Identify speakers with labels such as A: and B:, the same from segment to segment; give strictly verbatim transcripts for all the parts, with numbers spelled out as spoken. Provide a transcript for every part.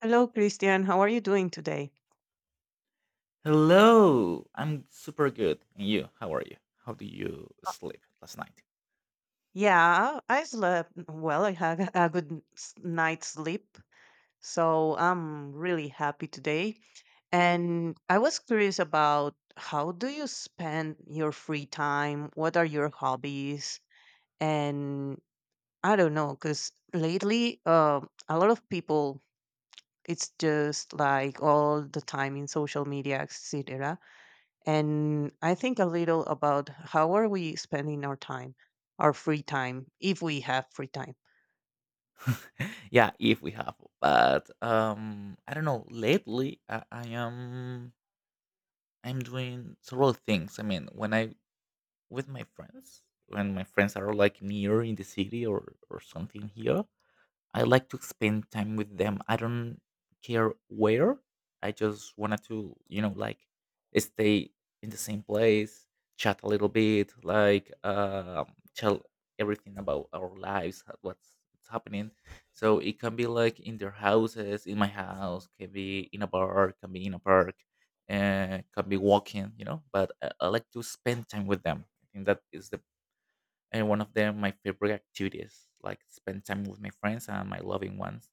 A: Hello, Christian. How are you doing today?
B: Hello, I'm super good. And you, how are you? How do you sleep last night?
A: Yeah, I slept well. I had a good s- night's sleep, so I'm really happy today. And I was curious about how do you spend your free time? What are your hobbies? And I don't know, because lately, uh, a lot of people, it's just like all the time in social media, et cetera and I think a little about how are we spending our time, our free time, if we have free time.
B: Yeah, if we have, but um, I don't know. Lately, I, I am I'm doing several things. I mean, when I with my friends, when my friends are like near in the city or or something here, I like to spend time with them. I don't care where. I just wanted to, you know, like stay in the same place, chat a little bit, like um, tell everything about our lives, ho- what's what's happening. So it can be like in their houses, in my house, can be in a bar, can be in a park, uh, can be walking, you know. But I, I like to spend time with them. I think that is the and one of them my favorite activities like spend time with my friends and my loving ones.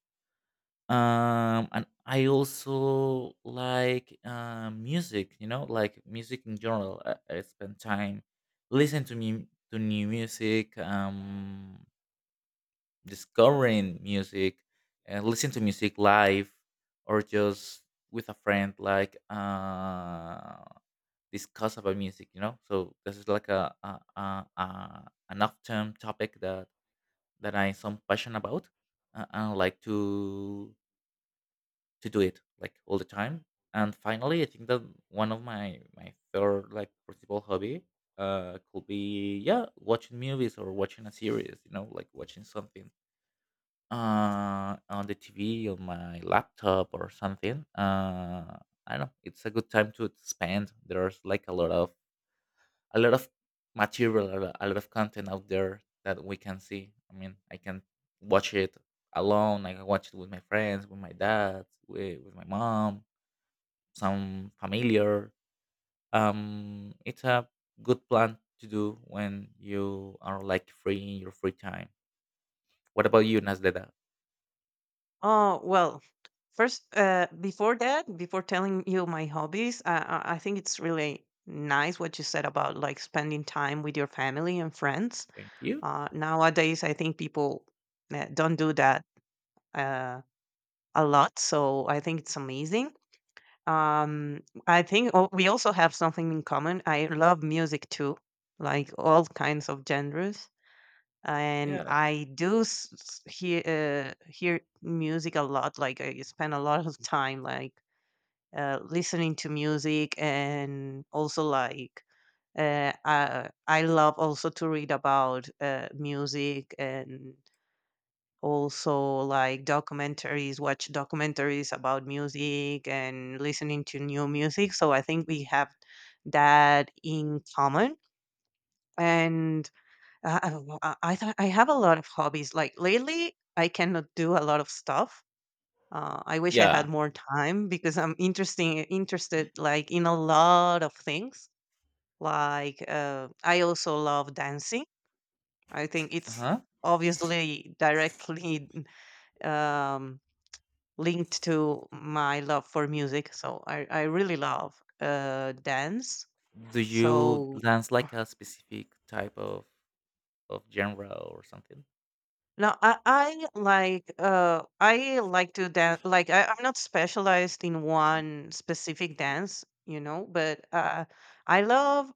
B: um And I also like uh, music, you know, like music in general. i, I spend time listening to me to new music. Um discovering music and listen to music live or just with a friend, like uh discuss about music, you know. So this is like a, a, a, a an off-term topic that that I some passion about, uh, and I like to to do it like all the time. And finally, I think that one of my my third like principal hobby uh could be, yeah, watching movies or watching a series. You know, like watching something uh on the T V on my laptop or something. Uh, I don't know. It's a good time to spend. There's like a lot of a lot of material, a lo- a lot of content out there that we can see. I mean, I can watch it alone. I can watch it with my friends, with my dad, with, with my mom, some familiar. Um, it's a good plan to do when you are like free in your free time. What about you, Nasleda?
A: Oh, well, first, uh, before that, before telling you my hobbies, I, I I think it's really nice what you said about like spending time with your family and friends.
B: Thank you.
A: Uh, nowadays, I think people uh, don't do that uh, a lot, so I think it's amazing. Um, I think oh, we also have something in common. I love music too, like all kinds of genres, and
B: Yeah.
A: I do s- s- hear uh, hear music a lot. Like I spend a lot of time like uh, listening to music, and also like uh, I, I love also to read about uh, music and also like documentaries watch documentaries about music and listening to new music, so I think we have that in common. And uh, I don't know, i I th- I have a lot of hobbies. Like lately I cannot do a lot of stuff. Uh, I wish I
B: Yeah.
A: had more time because I'm interesting interested like in a lot of things like. Uh, I also love dancing. I think
B: Uh
A: it's
B: huh.
A: obviously directly um linked to my love for music. So I, I really love uh, dance.
B: Do you
A: So
B: dance like a specific type of of genre or something?
A: now I, I like uh, I like to dance. Like I, I'm not specialized in one specific dance, you know, but uh, I love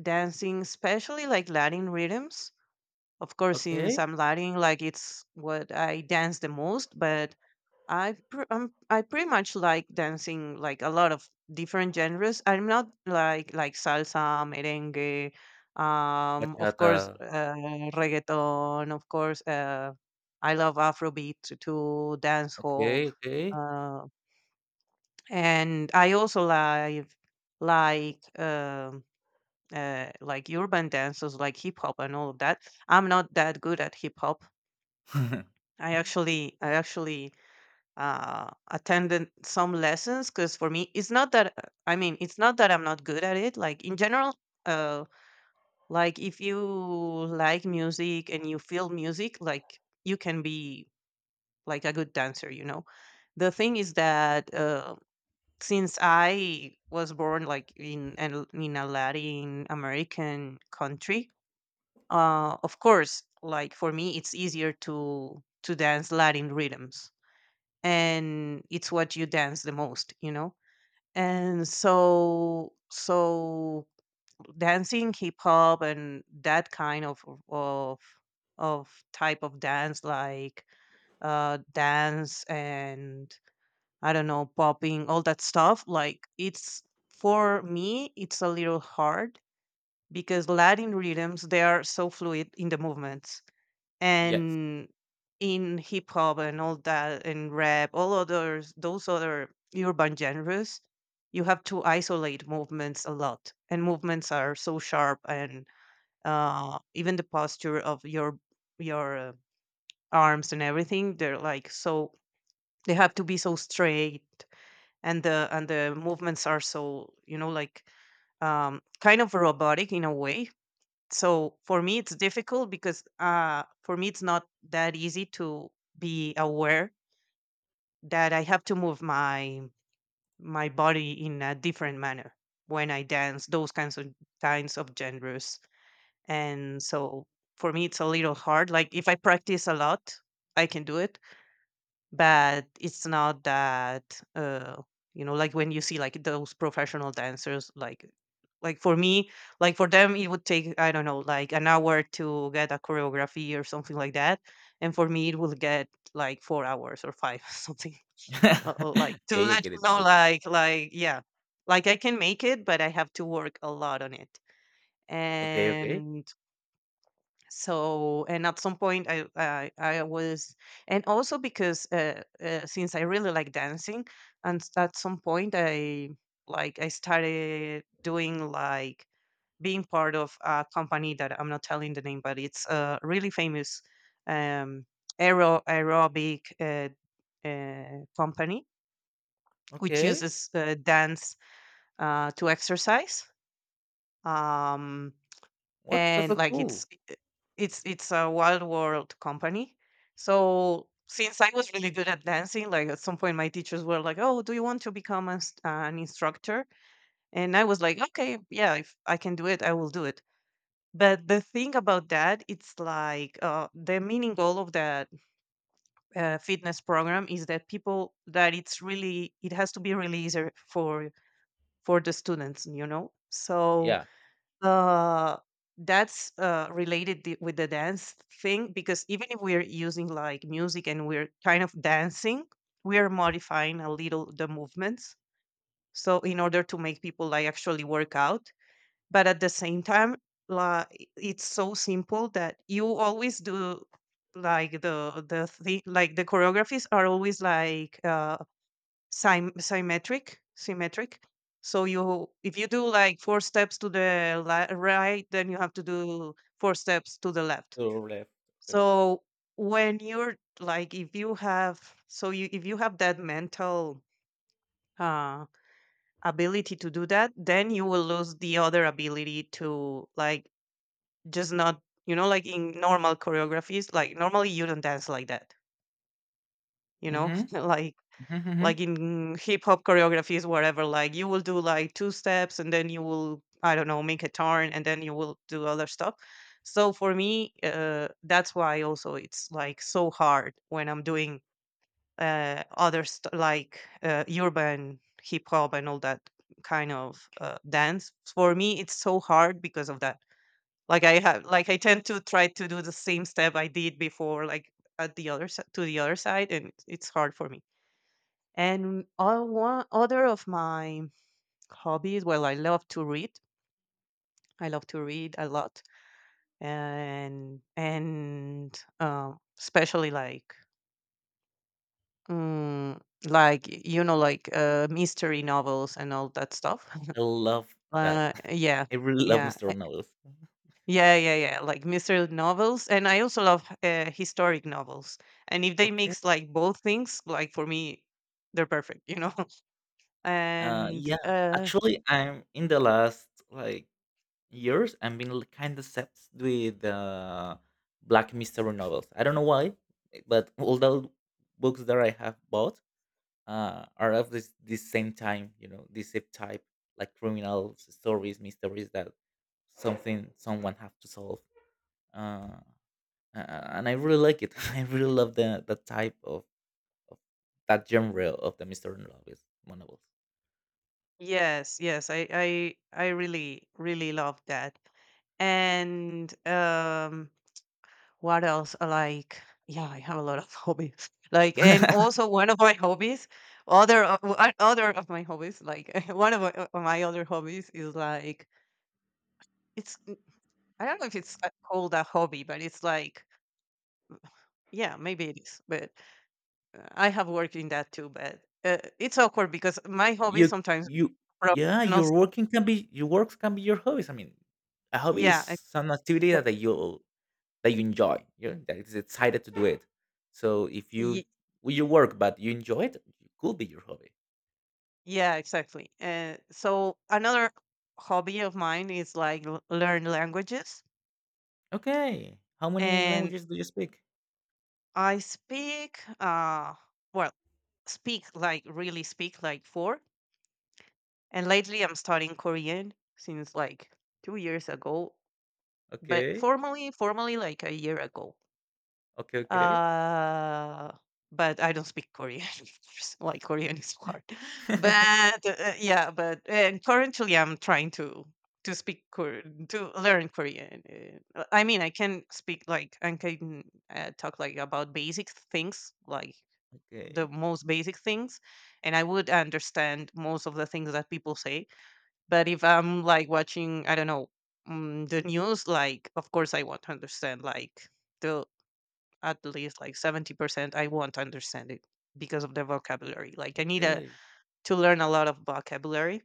A: dancing, especially like Latin rhythms. Of course, since
B: Okay.
A: I'm Latin, like it's what I dance the most. But I pr- I'm, I pretty much like dancing like a lot of different genres. I'm not like like salsa, merengue, um, of course,
B: Bachata.
A: uh, reggaeton, of course. Uh, I love Afrobeat t- too, dancehall,
B: Okay, okay.
A: uh, and I also like like um uh, like urban dances, like hip hop and all of that. I'm not that good at hip hop. I actually I actually uh, attended some lessons because for me it's not that. I mean, it's not that I'm not good at it like in general. Uh, like if you like music and you feel music, like you can be like a good dancer, you know. The thing is that uh, since I was born like in an- in a Latin American country, uh, of course, like for me it's easier to to dance Latin rhythms, and it's what you dance the most, you know. And so so dancing hip hop and that kind of of of type of dance like uh dance and I don't know, popping, all that stuff, like it's, for me it's a little hard because Latin rhythms they are so fluid in the movement.
B: Yes.
A: And in hip hop and all that and rap, all others, those other urban genres, you have to isolate movements a lot and movements are so sharp, and uh, even the posture of your your uh, arms and everything, they're like so, they have to be so straight. And the and the movements are so, you know, like um, kind of robotic in a way. So for me it's difficult because uh for me it's not that easy to be aware that I have to move my my body in a different manner when I dance those kinds of kinds of genres. And so for me it's a little hard. Like if I practice a lot I can do it, but it's not that uh you know, like when you see like those professional dancers, like like for me, like for them it would take I don't know like an hour to get a choreography or something like that, and for me it will get like four hours or five, something. Uh, uh, like to
B: Okay, I
A: let
B: get
A: you
B: it, get
A: know
B: it, get it.
A: like like yeah, like I can make it but I have to work a lot on it.
B: Okay, okay.
A: And so and at some point i i, I was, and also because uh, uh, since I really like dancing, and s- at some point i like I started doing like being part of a company that I'm not telling the name, but it's a really famous, um aero aerobic uh, uh, company which
B: Okay.
A: uses uh, dance uh, to exercise. um
B: What? That's
A: and
B: so
A: like
B: cool.
A: it's it's it's a wild world company. So since I was really good at dancing, like at some point my teachers were like, oh, do you want to become a s an instructor? And I was like, okay, yeah, if I can do it I will do it. But the thing about that, it's like uh, the meaning goal of that uh, fitness program is that people, that it's really, it has to be really easy for for the students, you know. So
B: Yeah,
A: uh, that's uh, related the, with the dance thing, because even if we're using like music and we're kind of dancing, we are modifying a little the movements. So in order to make people like actually work out, but at the same time, like it's so simple that you always do like the the thing, like the choreographies are always like uh Sym symmetric symmetric. So you, if you do, like, four steps to the li right, then you have to do four steps to the left.
B: to left. Okay.
A: So when you're like, if you have, so you if you have that mental, uh, ability to do that, then you will lose the other ability to, like, just not, you know, like in normal choreographies, like, normally you don't dance like that, you know?
B: Mhm,
A: Like
B: mhm,
A: like
B: mhm.
A: in hip hop choreographies wherever, like you will do like two steps and then you will I don't know make a turn and then you will do other stuff. So for me uh, that's why also it's like so hard when I'm doing uh, other st- like uh, urban hip hop and all that kind of uh, dance. For me it's so hard because of that. Like I have, like I tend to try to do the same step I did before, like at the other si- to the other side, and it's hard for me. And all one other of my hobbies, well, I love to read. I love to read a lot, and and uh, especially like mm, like you know like uh, mystery novels and all that stuff.
B: I love that.
A: Uh, yeah,
B: I really love
A: yeah,
B: mister
A: eh,
B: Noodles.
A: yeah, yeah, yeah. Like mystery novels, and I also love uh, historic novels. And if they
B: Okay.
A: mix like both things, like for me, they're perfect. You know,
B: Uh,
A: and.
B: yeah.
A: Uh,
B: Actually, I'm in the last like years. I've been kind of obsessed with uh, black mystery novels. I don't know why, but all the books that I have bought uh, are of this this same time, you know, this same type, like criminal stories, mysteries that something someone have to solve. Uh, a- and I really like it. I really love the the type of, of that genre of the mystery novels. novels.
A: Yes, yes, I I I really really love that. And um what else? Uh, Like yeah, I have a lot of hobbies. Like and also one of my hobbies, other of, w- uh, other of my hobbies, like one of my, uh, my other hobbies is like it's n- I don't know if it's uh, called a hobby, but it's like, yeah, maybe it is. But uh, I have worked in that too, but uh, it's awkward because my hobbies
B: you
A: sometimes
B: you Yeah,
A: professionals,
B: your working can be your works can be your hobbies. I mean, a hobby is
A: yeah, I-
B: some activity that you that you enjoy. You know, that is excited to do it. So if you with your work but you enjoy it, it could be your hobby.
A: yeah, exactly. Uh, so another hobby of mine is like l- learn languages,
B: Okay. How many
A: and
B: languages do you speak?
A: I speak uh well speak like really speak like four. And lately, I'm studying Korean since like two years ago, but
B: Okay.
A: formally, formally like a year ago.
B: Okay. Okay.
A: Uh, but I don't speak Korean, of course. Like Korean is hard. But uh, yeah, but and currently I'm trying to to speak Kor- to learn Korean. Uh, I mean, I can speak like I can uh, talk like about basic things, like the
B: Okay.
A: most basic things, and I would understand most of the things that people say. But if I'm like watching, I don't know, mm, the news, like of course I want to understand like the at least like seventy percent, I won't understand it because of the vocabulary. Like I need a,
B: Okay.
A: to learn a lot of vocabulary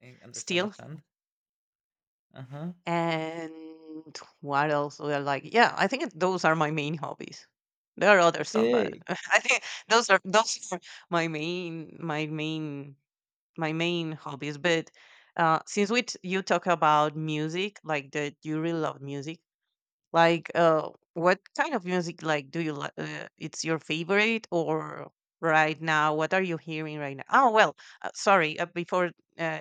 B: I understand.
A: still.
B: Understand. Uh huh.
A: And what else? Well, like, yeah, I think it- those are my main hobbies. There are other stuff, but
B: Okay.
A: I think those are those are my main my main my main hobbies. But uh, since we t- you talk about music, like that you really love music, like, uh, what kind of music like do you like? Uh, it's your favorite, or right now, what are you hearing right now? Oh well, uh, sorry. Uh, before uh,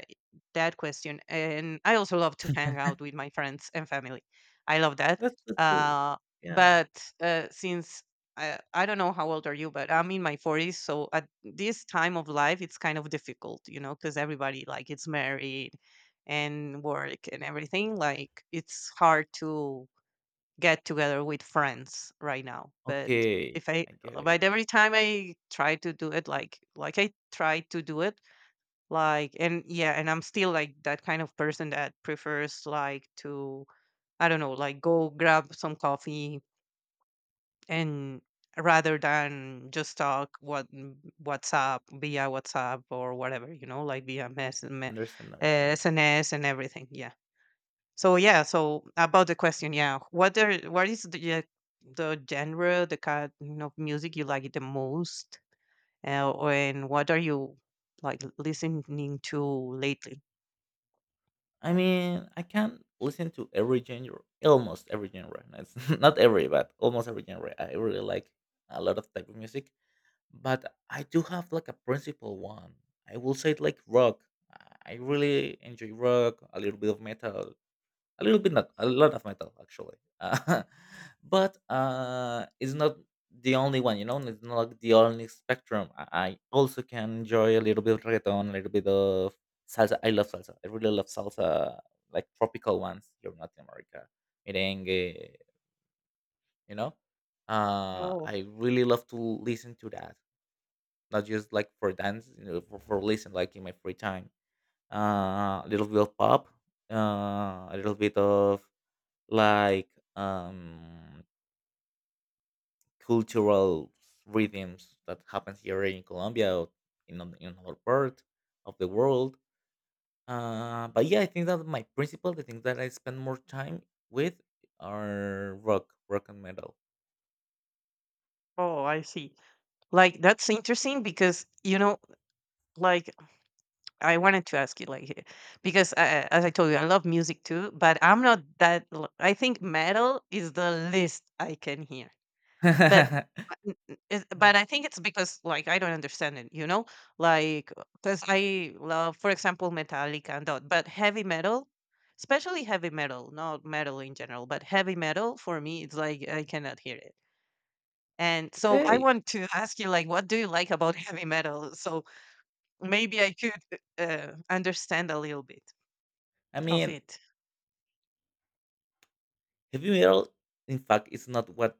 A: that question, and I also love to hang out with my friends and family. I love that.
B: That's so cool.
A: Uh,
B: Yeah.
A: but uh, since I, I don't know how old are you, but I'm in my forties, so at this time of life, it's kind of difficult, you know, because everybody like it's married and work and everything like it's hard to get together with friends right now. But
B: Okay.
A: if I,
B: I get it.
A: but every time I try to do it, like like I try to do it, like and yeah, and I'm still like that kind of person that prefers like to I don't know, like go grab some coffee and rather than just talk what mm, WhatsApp via WhatsApp or whatever, you know, like via mess, me, uh,
B: Understand. Understand.
A: S N S and everything. Yeah. So yeah, so about the question, yeah, what are what is the yeah, the genre, the kind of music you like the most, uh, and what are you like listening to lately?
B: I mean, I can listen to every genre, almost every genre. It's not every, but almost every genre. I really like a lot of type of music. But I do have like a principal one. I will say like rock. I really enjoy rock, a little bit of metal, a little bit, not a lot of metal actually. But uh, it's not the only one, you know. It's not like the only spectrum. I I also can enjoy a little bit of reggaeton, a little bit of salsa. I love salsa. I really love salsa, like tropical ones here in Latin America, merengue, you know. Uh,
A: Oh,
B: I really love to listen to that, not just like for dance, you know, for, for listen like in my free time. Uh, a little bit of pop, uh, a little bit of like um cultural rhythms that happens here in Colombia or in an- in other part of the world. Uh, but yeah, I think that my principal, the things that I spend more time with are rock, rock and metal.
A: oh, I see. Like that's interesting because you know, like I wanted to ask you, like eh, because I, as I told you, I love music too, but I'm not that. l- I think metal is the least I can hear. But uh, n n is
B: Mm.
A: but I think it's because, like, I don't understand it, you know? Like because I love, for example, Metallica and that, but heavy metal, especially heavy metal, not metal in general, but heavy metal for me, it's like I cannot hear it. And so I
B: Okay,
A: want to ask you, like, what do you like about heavy metal? So maybe I could uh, understand a little bit
B: I
A: of
B: mean,
A: it.
B: heavy metal. In fact, it's not what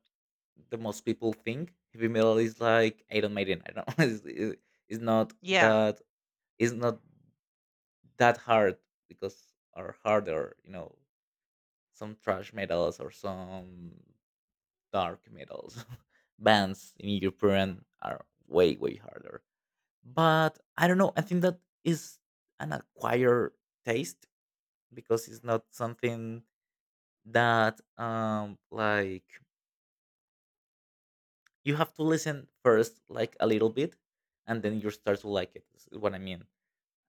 B: the most people think heavy metal is, like Iron Maiden. I don't know. It's, it- it's not
A: Yeah.
B: that it's not that hard because are harder, you know, some trash metals or some dark metals bands in European are way way harder. But I don't know. I think that is an acquired taste because it's not something that um like you have to listen first like a little bit, and then you start to like it, is what I mean.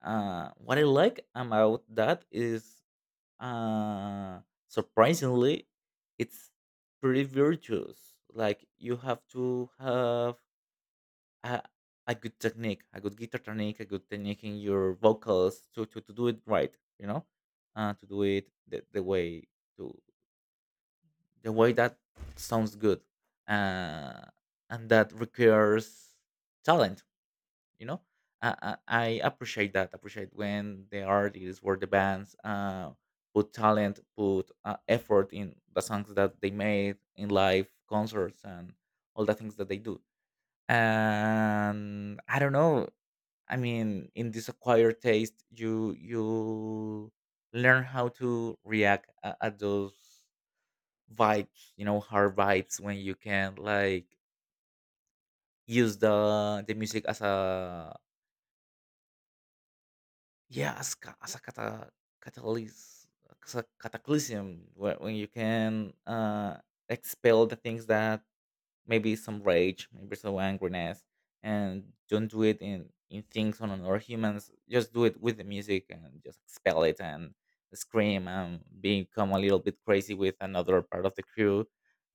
B: uh What I like about that is uh surprisingly it's pretty virtuous. Like you have to have a, a good technique, a good guitar technique, a good technique in your vocals to to, to do it right, you know, uh to do it the, the way to the way that sounds good. uh, and that requires talent, you know. I, I I appreciate that appreciate when the artists or the bands uh, put talent, put uh, effort in the songs that they made in live concerts and all the things that they do. And I don't know, I mean, in this acquired taste, you you learn how to react a- at those vibes, you know, hard vibes, when you can, like, use the the music as a, yeah, as, ca- as a cata, catalyst, as a cataclysm where, when you can uh expel the things that maybe some rage, maybe some angriness, and don't do it in in things on other humans. Just do it with the music and just expel it and scream and become a little bit crazy with another part of the crew,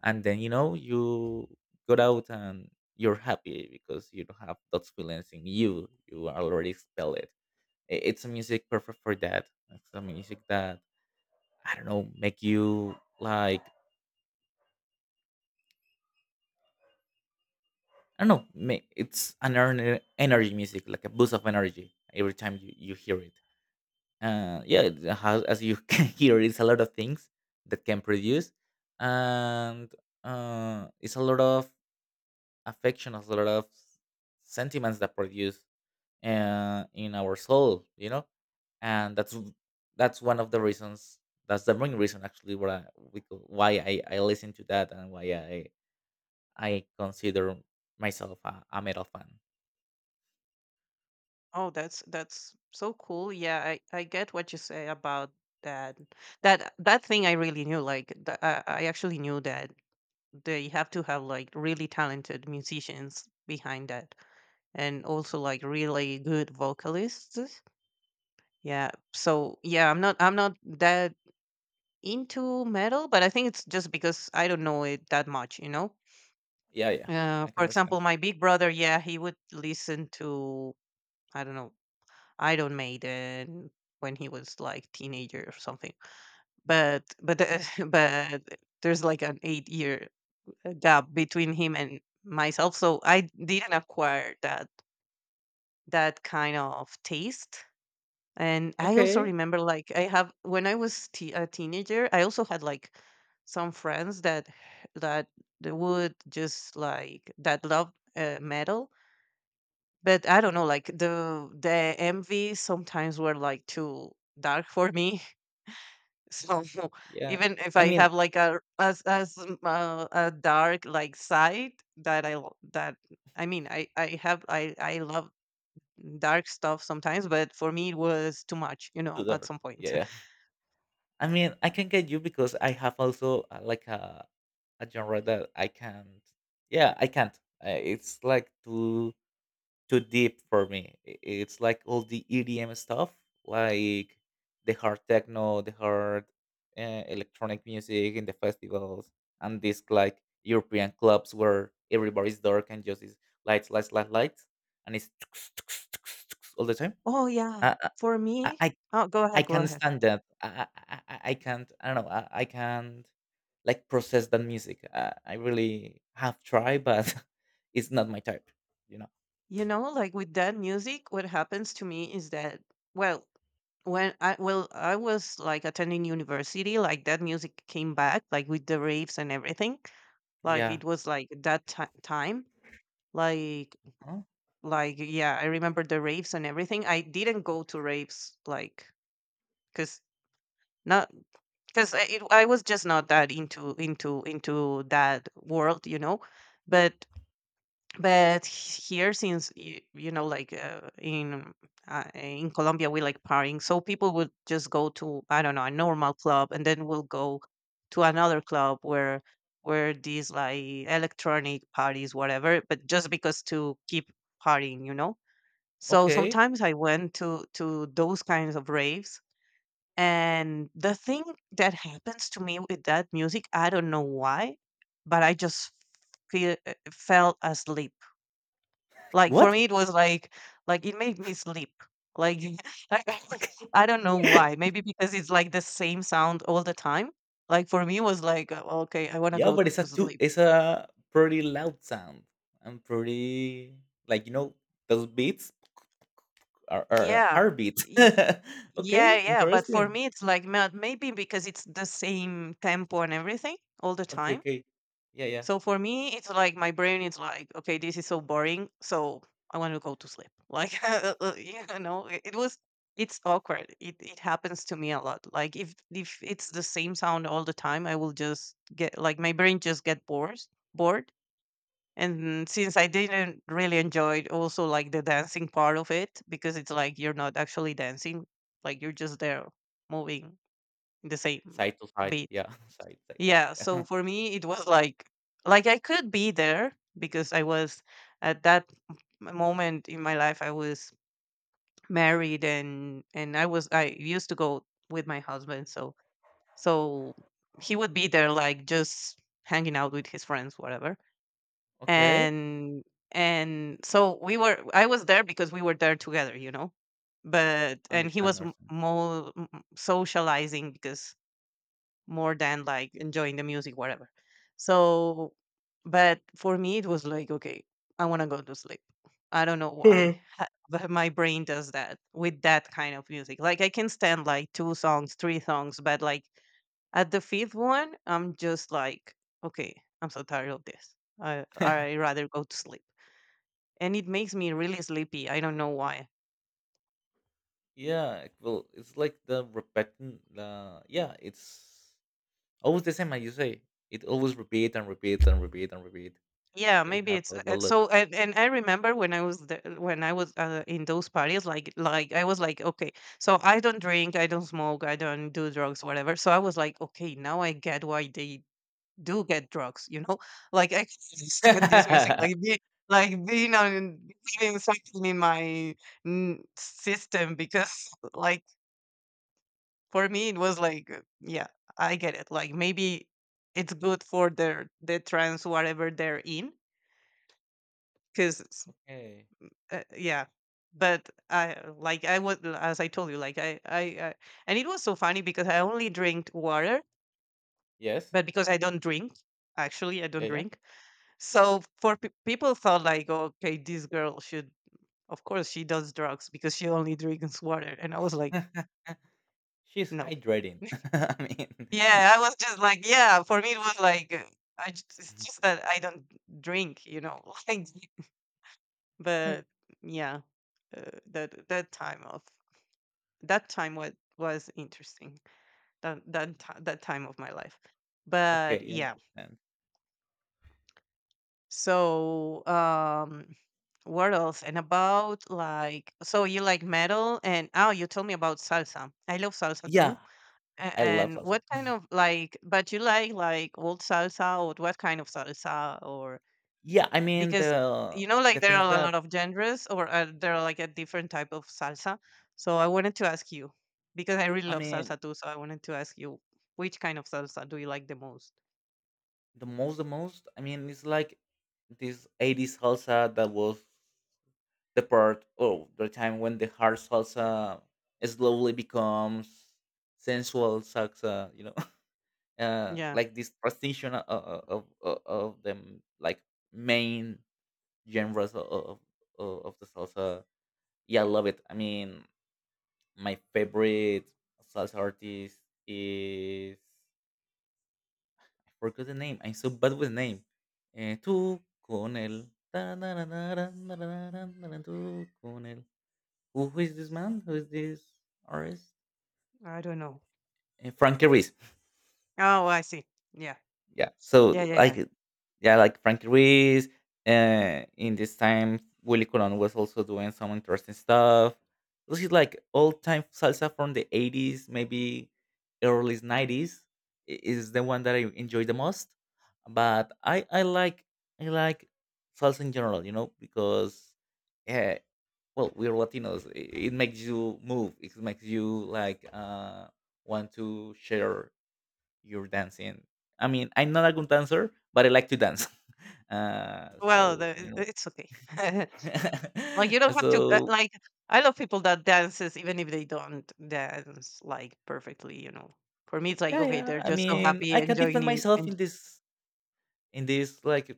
B: and then you know you got out and you're happy because you don't have those feelings in you. You already expel it. I- It's a music perfect for that. It's a music that I don't know, make you like, I don't know. may- It's an ener- energy music, like a boost of energy every time you, you hear it. Uh, yeah, it has, as you can hear, it's a lot of things that can produce, and uh, it's a lot of affection, it's a lot of sentiments that produce uh, in our soul, you know. And that's w- that's one of the reasons. That's the main reason, actually, why I, we co- why I, I listen to that and why I I consider myself a, a metal fan.
A: Oh, that's that's so cool. Yeah, I I get what you say about that. That that thing I really knew. Like th- I I actually knew that they have to have like really talented musicians behind that, and also like really good vocalists. Yeah. So yeah, I'm not I'm not that into metal, but I think it's just because I don't know it that much. You know.
B: Yeah, yeah.
A: Uh,
B: I can
A: for
B: understand.
A: example, my big brother, yeah, he would listen to I don't know Iron Maiden when he was like teenager or something. But but the, but there's like an eight year uh, gap between him and myself, so I didn't acquire that that kind of taste. And I also
B: Okay.
A: remember like I have when I was t- a teenager, I also had like some friends that that they would just like that love uh, metal. But I don't know, like the the M Vs sometimes were like too dark for me. So
B: Yeah.
A: even if
B: I
A: I
B: mean,
A: have like a as as um, uh, a dark like side that I lo- that I mean I I have I I love dark stuff sometimes, but for me it was too much, you know,
B: too
A: at
B: dark.
A: some point.
B: Yeah, yeah. I mean, I can get you because I have also uh, like a a genre that I can't. Yeah, I can't. Uh, it's like too too deep for me. I- It's like all the E D M stuff, like the hard techno, the hard uh, electronic music in the festivals, and this like European clubs where everybody's dark and just is lights, lights, lights, lights, and it's all the time.
A: Oh yeah,
B: I
A: for
B: I
A: me.
B: I,
A: Oh, go
B: I
A: ahead, go
B: can't
A: ahead.
B: stand that. I I, I I- I can't. I don't know. I, I can't like process that music. I, I really have tried, but it's not my type. You know.
A: You know, like with that music, what happens to me is that, well, when I well, I was like attending university, like that music came back, like with the raves and everything. Like
B: Yeah.
A: it was like that ti time, like like yeah, I remember the raves and everything. I didn't go to raves like because not because I, it, I was just not that into into into that world, you know. But but here since y- you know like uh, in uh, in Colombia we like partying so people would just go to I don't know a normal club and then we'll go to another club where where these like electronic parties whatever but just because to keep partying you know so
B: Okay.
A: sometimes I went to to those kinds of raves and the thing that happens to me with that music I don't know why but I just feel fell asleep like, for
B: What?
A: me, it was like like, it made me sleep. Like, I I
B: Okay.
A: don't know why. Maybe because it's, like, the same sound all the time. Like, for me, it was like, "Oh, okay, I wanna
B: Yeah,
A: go
B: but it's a
A: to
B: too,
A: sleep."
B: it's a pretty loud sound. I'm pretty, like, you know, those beats are, are
A: Yeah.
B: hard beats.
A: Y
B: Okay,
A: yeah, yeah, but for
B: interesting.
A: me, it's like, ma maybe because it's the same tempo and everything all the
B: Okay,
A: time.
B: okay. Yeah, yeah.
A: So for me, it's like my brain is like, okay, this is so boring, so I want to go to sleep. Like, uh, uh, you know, it, it was, it's awkward. It it happens to me a lot. Like if if it's the same sound all the time, I will just get like my brain just get bored, bored. And since I didn't really enjoy it, also like the dancing part of it, because it's like you're not actually dancing, like you're just there moving the same
B: Side to side.
A: beat.
B: Yeah, side, side, side.
A: Yeah, so
B: Yeah.
A: for me it was like like I could be there because I was at that m- moment in my life I was married and and I was I used to go with my husband so so he would be there like just hanging out with his friends whatever.
B: Okay,
A: And and so we were I was there because we were there together, you know. But and he
B: understand,
A: was
B: understand.
A: more mm, socializing because more than like enjoying the music, whatever. So, but for me, it was like, okay, I want to go to sleep. I don't know why, ha- but my brain does that with that kind of music. Like, I can stand like two songs, three songs, but like at the fifth one, I'm just like, okay, I'm so tired of this. I I rather go to sleep, and it makes me really sleepy. I don't know why.
B: Yeah, well, it's like the repeating. The yeah, it's always the same as you say. It always repeat and repeat and repeat and repeat.
A: Yeah,
B: It
A: maybe it's
B: happens a
A: uh,
B: lot.
A: so. And, and I remember when I was the, when I was uh, in those parties, like like I was like, okay, so I don't drink, I don't smoke, I don't do drugs, whatever. So I was like, okay, now I get why they do get drugs, you know? Like I can understand this music, like be, like being on having something in my mm, system because, like, for me it was like, uh, yeah, I get it. Like maybe it's good for their the trans whatever they're in because
B: Okay.
A: Uh, yeah. But I uh, like I was as I told you, like I, I I and it was so funny because I only drink water,
B: Yes.
A: but because I don't drink, actually I don't
B: Yeah,
A: drink. So for pe- people thought like, okay, this girl should, of course, she does drugs because she only drinks water, and I was like,
B: yeah. She's
A: no.
B: hydrating. I mean,
A: Yeah, I was just like, yeah. For me, it was like uh, I just, it's just that I don't drink, you know. Like, but yeah, uh, that that time of that time was was interesting that that ti- that time of my life but
B: okay, you
A: yeah
B: understand.
A: so um what else and about like so you like metal and oh you told me about salsa I love salsa too.
B: Yeah,
A: A-
B: I love
A: and
B: salsa.
A: what kind of like but you like like old salsa or what kind of salsa or
B: Yeah, I mean
A: because
B: the
A: you know like
B: the
A: there
B: things
A: are a
B: that
A: lot of genres or uh, there are like a different type of salsa so I wanted to ask you because I really
B: I
A: love
B: mean
A: salsa too so I wanted to ask you which kind of salsa do you like the most.
B: the most, the most I mean, it's like this eighties salsa that was the part, oh, the time when the hard salsa slowly becomes sensual salsa, you know. Uh,
A: Yeah.
B: like this transition of of, of, uh, of them like main genres of of, of of the salsa. Yeah, I love it. I mean, my favorite salsa artist is, I forgot the name. I'm so bad with name. Eh, tú con el ta- na- na- na- na- na- na- na- na- na- tú con el. Who, who is this man? Who is this artist?
A: I don't know.
B: Eh, Frankie Ruiz.
A: Oh, I see. Yeah,
B: Yeah. So
A: yeah, yeah. Yeah,
B: like yeah, like Frankie Ruiz. Uh, in this time, Willie Colon was also doing some interesting stuff. This is like old time salsa from the eighties, maybe early nineties. i- Is the one that I enjoy the most. But I I like I like salsa in general, you know, because uh, well, we're Latinos. It, it makes you move. It makes you like uh want to share you're dancing. I mean, I'm not a good dancer, but I like to dance. Uh,
A: well
B: so
A: the,
B: you
A: I-
B: know,
A: it's okay. Like you don't have to uh,
B: so
A: like I love people that dances even if they don't dance like perfectly you know for me it's like
B: yeah,
A: okay
B: yeah.
A: they're
B: I
A: just so
B: mean,
A: happy
B: I can
A: enjoying
B: defend
A: en-
B: myself
A: en-
B: in this in this like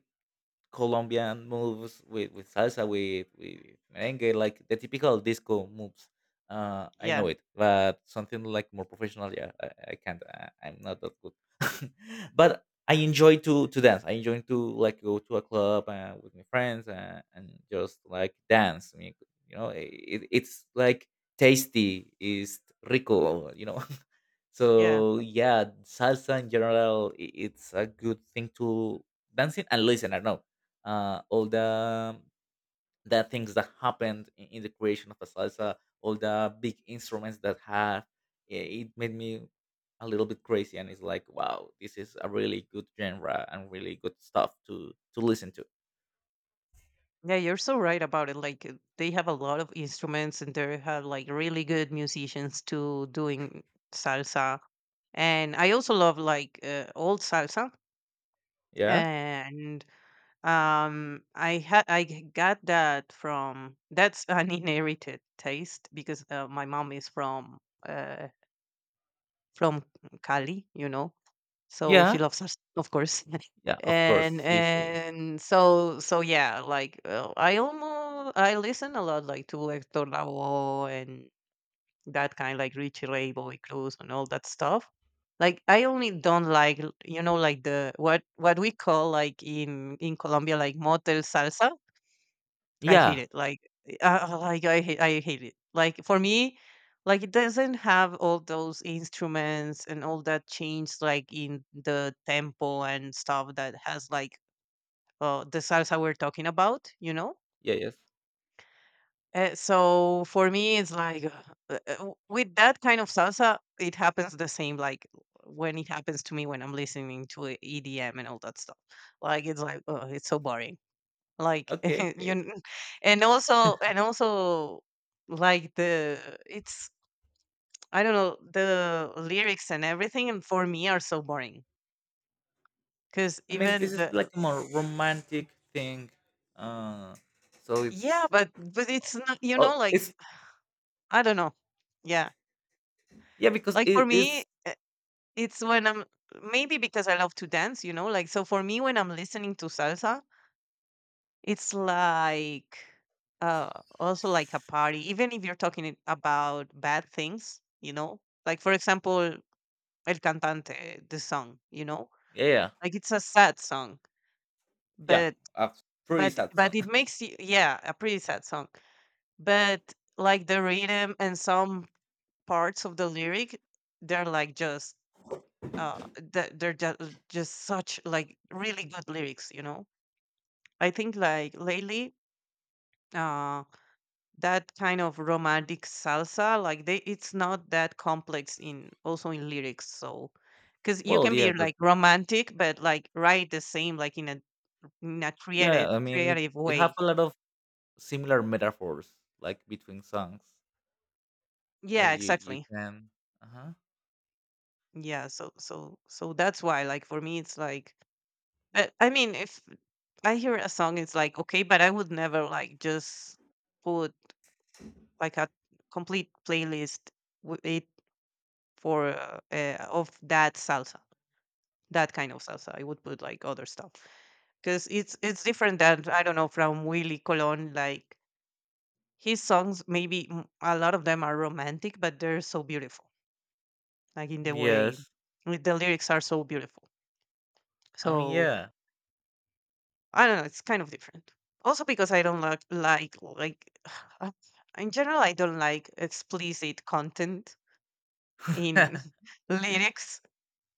B: Colombian moves with, with salsa, with, with merengue, like the typical disco moves. Uh, I
A: yeah,
B: know it, but something like more professional, yeah, I, I can't. I, I'm not that good. But I enjoy to to dance. I enjoy to, like, go to a club uh, with my friends uh, and just like dance. I mean, you know, it, it's like tasty, is rico, you know.
A: yeah.
B: So yeah, salsa in general, i- it's a good thing to dancing and listen. I know uh, all the the things that happened in, in the creation of a salsa, all the big instruments that have it, it made me a little bit crazy, and it's like, wow, this is a really good genre and really good stuff to to listen to.
A: Yeah, you're so right about it. Like uh, they have a lot of instruments and they have like really good musicians too doing salsa. And I also love like uh, old salsa
B: Yeah,
A: and um I had I g- got that from that's an inherited taste because uh, my mom is from uh from Cali, you know, so she
B: yeah,
A: loves us, of course.
B: yeah. Of
A: And
B: course, she's a-
A: and so so yeah, like uh, I almost I listen a lot like to Hector Lavoe and that kind like Richie Ray, Bobby Cruz and all that stuff. Like I only don't like you know like the what what we call like in in Colombia like motel salsa. I hate
B: yeah,
A: it. Like, uh, uh, like I hate, I hate it. Like for me, like it doesn't have all those instruments and all that change, like in the tempo and stuff that has like uh, the salsa we're talking about. You know.
B: yeah, yes.
A: Uh, so for me, it's like uh, uh, with that kind of salsa, it happens the same. Like when it happens to me when I'm listening to E D M and all that stuff. Like it's like oh, it's so boring. Like
B: Okay,
A: you
B: okay.
A: kn and also and also like the it's I don't know, the lyrics and everything and for me are so boring because
B: I mean,
A: even
B: this is
A: the
B: like a more romantic thing. Uh, so
A: yeah,
B: it's
A: but but it's not you know,
B: oh,
A: like,
B: it's
A: I don't know. Yeah.
B: yeah, because
A: Like for
B: it
A: me,
B: is
A: eh, it's when I'm maybe because I love to dance, you know, like so for me when I'm listening to salsa, it's like, uh, also like a party, even if you're talking it- about bad things, you know? Like for example El Cantante, eh, the song, you know?
B: yeah, yeah.
A: Like it's a sad song,
B: Yeah,
A: but
B: a pretty
A: but
B: sad song.
A: but it makes you, yeah, a pretty sad song. But like the rhythm and some parts of the lyric, they're like just uh th- they're just, just such like really good lyrics, you know? I think like lately uh that kind of romantic salsa, like they, it's not that complex in, also in lyrics, so because you
B: Well,
A: can
B: yeah,
A: be
B: but
A: like romantic but like write the same like in a in a creative
B: yeah, I mean, it,
A: creative
B: it have
A: way.
B: a lot of similar metaphors, like between songs
A: Yeah,
B: that you you
A: exactly.
B: can. Uh huh.
A: Yeah, so so so that's why like for me it's like I, I mean, if I hear a song it's like okay, but I would never like just put like a complete playlist with it for uh, uh, of that salsa, that kind of salsa. I would put like other stuff because it's it's different than, I don't know, from Willy Colon, like his songs maybe, mm, a lot of them are romantic but they're so beautiful, like in the way
B: Yes.
A: with the lyrics are so beautiful.
B: I mean,
A: So
B: yeah.
A: I don't know, it's kind of different. Also because I don't like like like uh, in general I don't like explicit content in lyrics.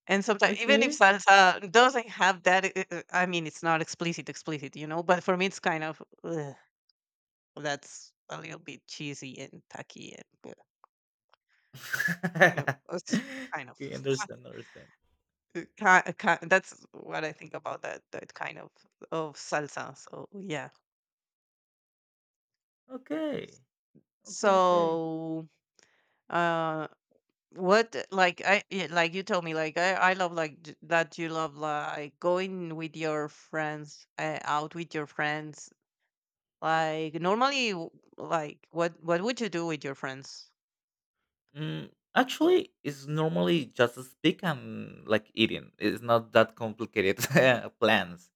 A: And sometimes, even if
B: Okay.
A: salsa doesn't have that, i- i- I mean, it's not explicit, explicit, you know. But for me, it's kind of ugh, that's a little bit cheesy and tacky, and uh, you know, it's kind of.
B: Okay, understand, understand.
A: Ki uh, ki That's what I think about that that kind of of salsa. So yeah.
B: Okay, okay, okay.
A: So uh, what, like I, yeah, like you told me like I I love, like j- that you love like going with your friends, uh, out with your friends. Like normally, w- like what what would you do with your friends?
B: Mm, actually, it's normally just a speak and like eating. It's not that complicated plans.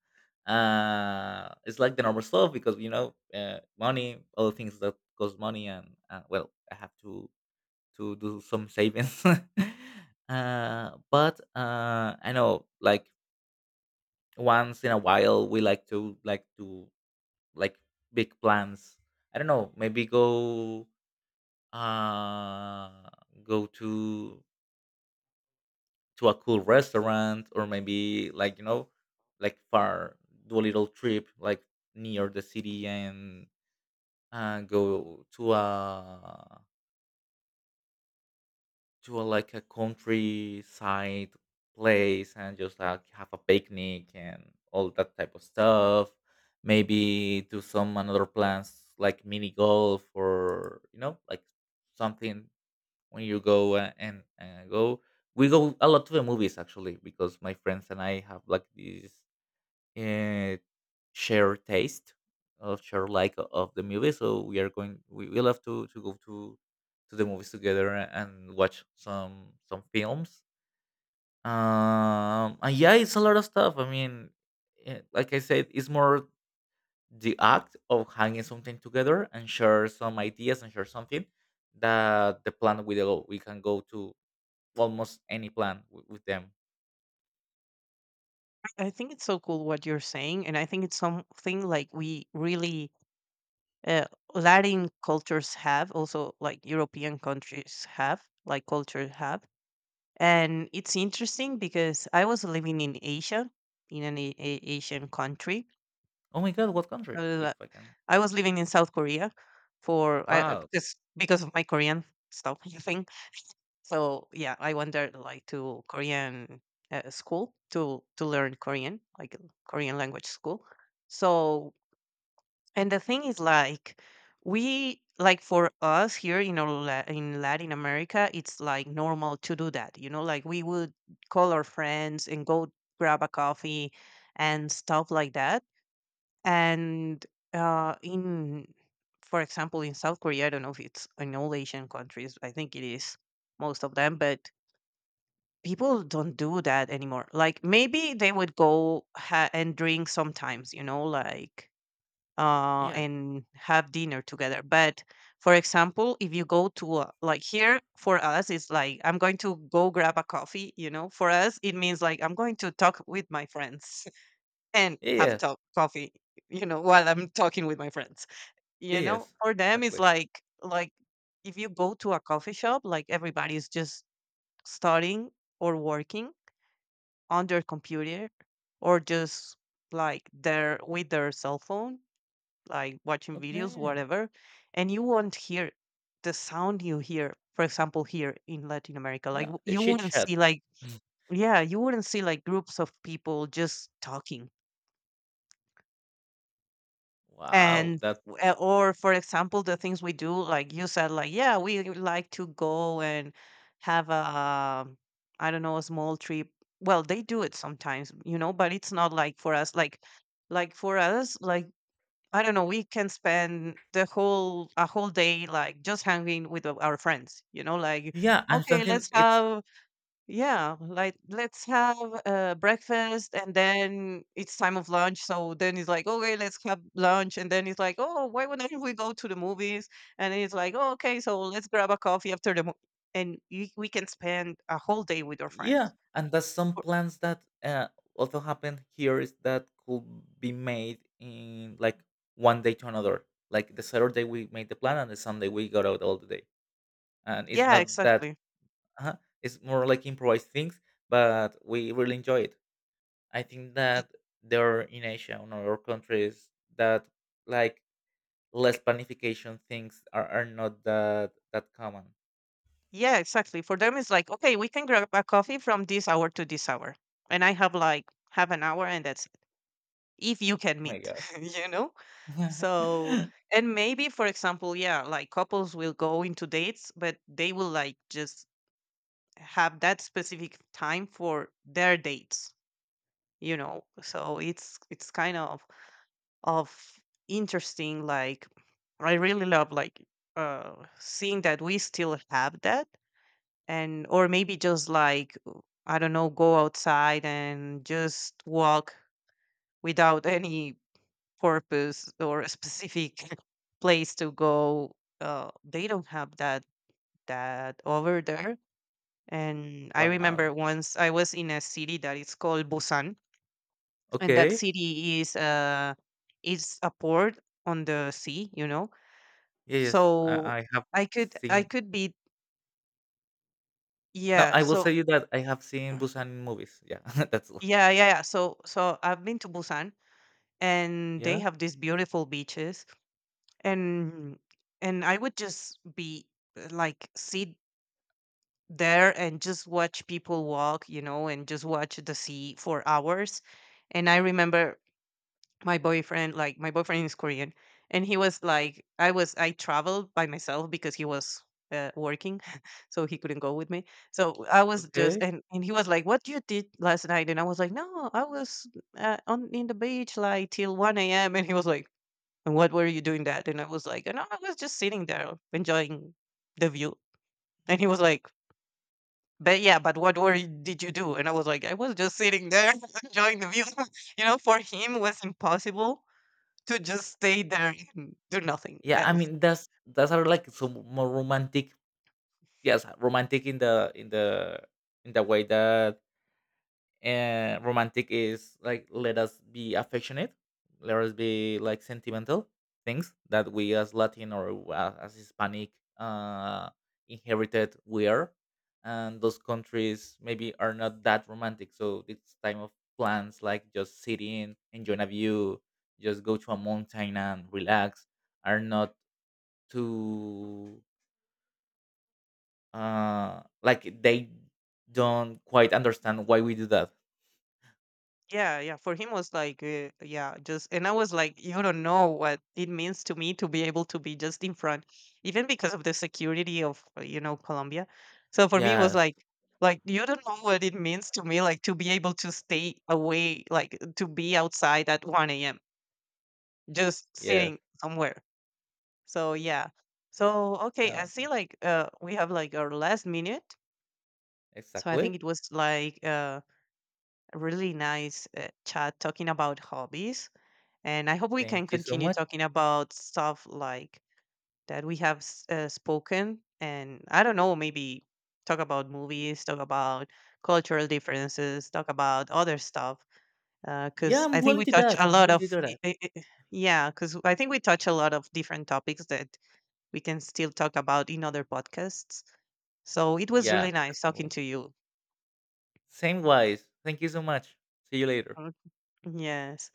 B: Uh, it's like the normal stuff because you know, uh, money, all things that cost money, and uh, well, I have to to do some savings. uh, but uh, I know, like once in a while, we like to like to like big plans. I don't know, maybe go uh go to to a cool restaurant or maybe like, you know, like far, do a little trip like near the city and uh, go to a to a like a countryside place and just like have a picnic and all that type of stuff, maybe do some another plans like mini golf or, you know, like something when you go uh, and uh, go. We go a lot to the movies actually because my friends and I have like this uh, shared taste of shared like o- of the movie, so we are going, we, we love to to go to to the movies together and watch some some films. Um, and yeah, it's a lot of stuff. I mean, eh, like I said, it's more the act of hanging something together and share some ideas and share something that the plan we go, we can go to almost any plan w- with them.
A: I think it's so cool what you're saying, and I think it's something like we really uh, Latin cultures have, also like European countries have, like culture have. And it's interesting because I was living in Asia, in an a- a- Asian country.
B: Oh my god, what country? If
A: Uh,
B: I can.
A: I was living in South Korea for I, uh,
B: Wow.
A: because because of my Korean stuff, I think. So yeah, I went there like to Korean uh, school to to learn Korean, like uh, Korean language school. So, and the thing is, like, we like for us here in our La- in Latin America, it's like normal to do that. You know, like we would call our friends and go grab a coffee and stuff like that. And uh, in, for example, in South Korea, I don't know if it's in all Asian countries. I think it is most of them, but people don't do that anymore. Like maybe they would go ha- and drink sometimes. You know, like uh,
B: Yeah.
A: and have dinner together. But for example, if you go to a, like here for us, it's like I'm going to go grab a coffee. You know, for us it means like I'm going to talk with my friends and
B: Yeah.
A: have
B: Yes.
A: talk coffee. You know, while I'm talking with my friends.
B: Yeah.
A: You know,
B: Yes.
A: for them it's
B: Exactly.
A: like like if you go to a coffee shop, like everybody's just studying or working on their computer, or just like they're with their cell phone like watching videos,
B: Okay.
A: whatever, and you won't hear the sound you hear, for example, here in Latin America. Like
B: Yeah.
A: w-
B: The
A: you
B: chit
A: wouldn't
B: chat.
A: see like, yeah, you wouldn't see like groups of people just talking.
B: Wow.
A: And
B: That.
A: w- uh, or for example, the things we do, like you said, like yeah, we like to go and have a um, I don't know, a small trip. Well, they do it sometimes, you know, but it's not like for us. Like like for us, like I don't know, we can spend the whole a whole day like just hanging with o- our friends, you know, like
B: Yeah. And
A: okay,
B: something.
A: let's
B: It's.
A: have, yeah, like let's have uh, breakfast, and then it's time of lunch. So then it's like, okay, let's have lunch, and then it's like, oh, why would not we go to the movies? And then it's like, oh, okay, so let's grab a coffee after the mo-. And you, we can spend a whole day with our
B: Yeah.
A: friends.
B: And that's some
A: Or
B: plans that uh, also happen here is that could be made in like one day to another. Like the Saturday we made the plan and the Sunday we got out all the day. And it's
A: yeah,
B: not that.
A: exactly.
B: Uh, it's more like improvised things, but we really enjoy it. I think
A: Y-
B: that there are in Asia or other countries that, like, less planification things are, are not that that common.
A: Yeah, exactly. For them, it's like, okay, we can grab a coffee from this hour to this hour. And I have like half an hour, and that's if you can
B: Oh my
A: meet,
B: god.
A: you know? So, and maybe, for example, yeah, like couples will go into dates, but they will like just have that specific time for their dates, you know, so it's it's kind of of interesting. Like I really love like uh seeing that we still have that. And or maybe just like uh, I don't know, go outside and just walk without any purpose or a specific place to go. Uh they don't have that that over there. And I
B: Wow.
A: remember once I was in a city that is called Busan, and that
B: Okay.
A: city is uh is a port on the sea, you know.
B: Yes,
A: So
B: I, I have
A: I could I
B: seen
A: could be,
B: no,
A: yeah,
B: I will
A: so
B: say you that I have seen Busan in movies. Yeah, that's all.
A: yeah, yeah, yeah. So so I've been to Busan, and they
B: Yeah,
A: have these beautiful beaches, and and I would just be uh, like sit there and just watch people walk, you know, and just watch the sea for hours. And I remember my boyfriend like my boyfriend is Korean, and he was like, I was, I traveled by myself because he was uh, working, so he couldn't go with me. So I was just,
B: okay.
A: and, and he was like, what you did last night, and I was like, no, I was uh, on in the beach like till one a.m., and he was like, and what were you doing that, and I was like, no, I was just sitting there enjoying the view. And he was like, but yeah, but what were you, did you do, and I was like, I was just sitting there enjoying the view. you know, for him was impossible to just stay there and do nothing
B: Yeah, I
A: else.
B: mean that's that's are like some more romantic yes, romantic in the in the in the way that uh, romantic is like let us be affectionate, let us be like sentimental things that we as Latin or uh, as Hispanic uh, inherited we are, and those countries maybe are not that romantic, so it's time of plans like just sitting enjoying a view, just go to a mountain and relax, are not too uh like they don't quite understand why we do that.
A: Yeah, yeah. For him was like, uh, yeah, just, and I was like, you don't know what it means to me to be able to be just in front, even because of the security of uh, you know, Colombia. So for me, it was
B: Yes.
A: like, like you don't know what it means to me, like to be able to stay away, like to be outside at one a m just
B: Yes.
A: sitting somewhere. So yeah. So okay, I see. Like, uh, we have like our last minute. So I think
B: Exactly.
A: it was like uh really nice uh, chat talking about hobbies. And I hope we
B: Thank
A: can
B: you so
A: continue
B: much.
A: talking about stuff like that we have s- uh, spoken. And I don't know, maybe talk about movies, talk about cultural differences, talk about other stuff.
B: Yeah,
A: Because
B: I'm
A: I think
B: willing
A: we
B: to do
A: touch
B: that.
A: a
B: I'm
A: lot
B: willing
A: of,
B: to do
A: i-
B: that.
A: i- i- yeah, because I think we touch a lot of different topics that we can still talk about in other podcasts. So it was
B: Yeah,
A: really nice talking
B: definitely.
A: to you.
B: Same wise. Thank you so much. See you later.
A: Mm. Yes.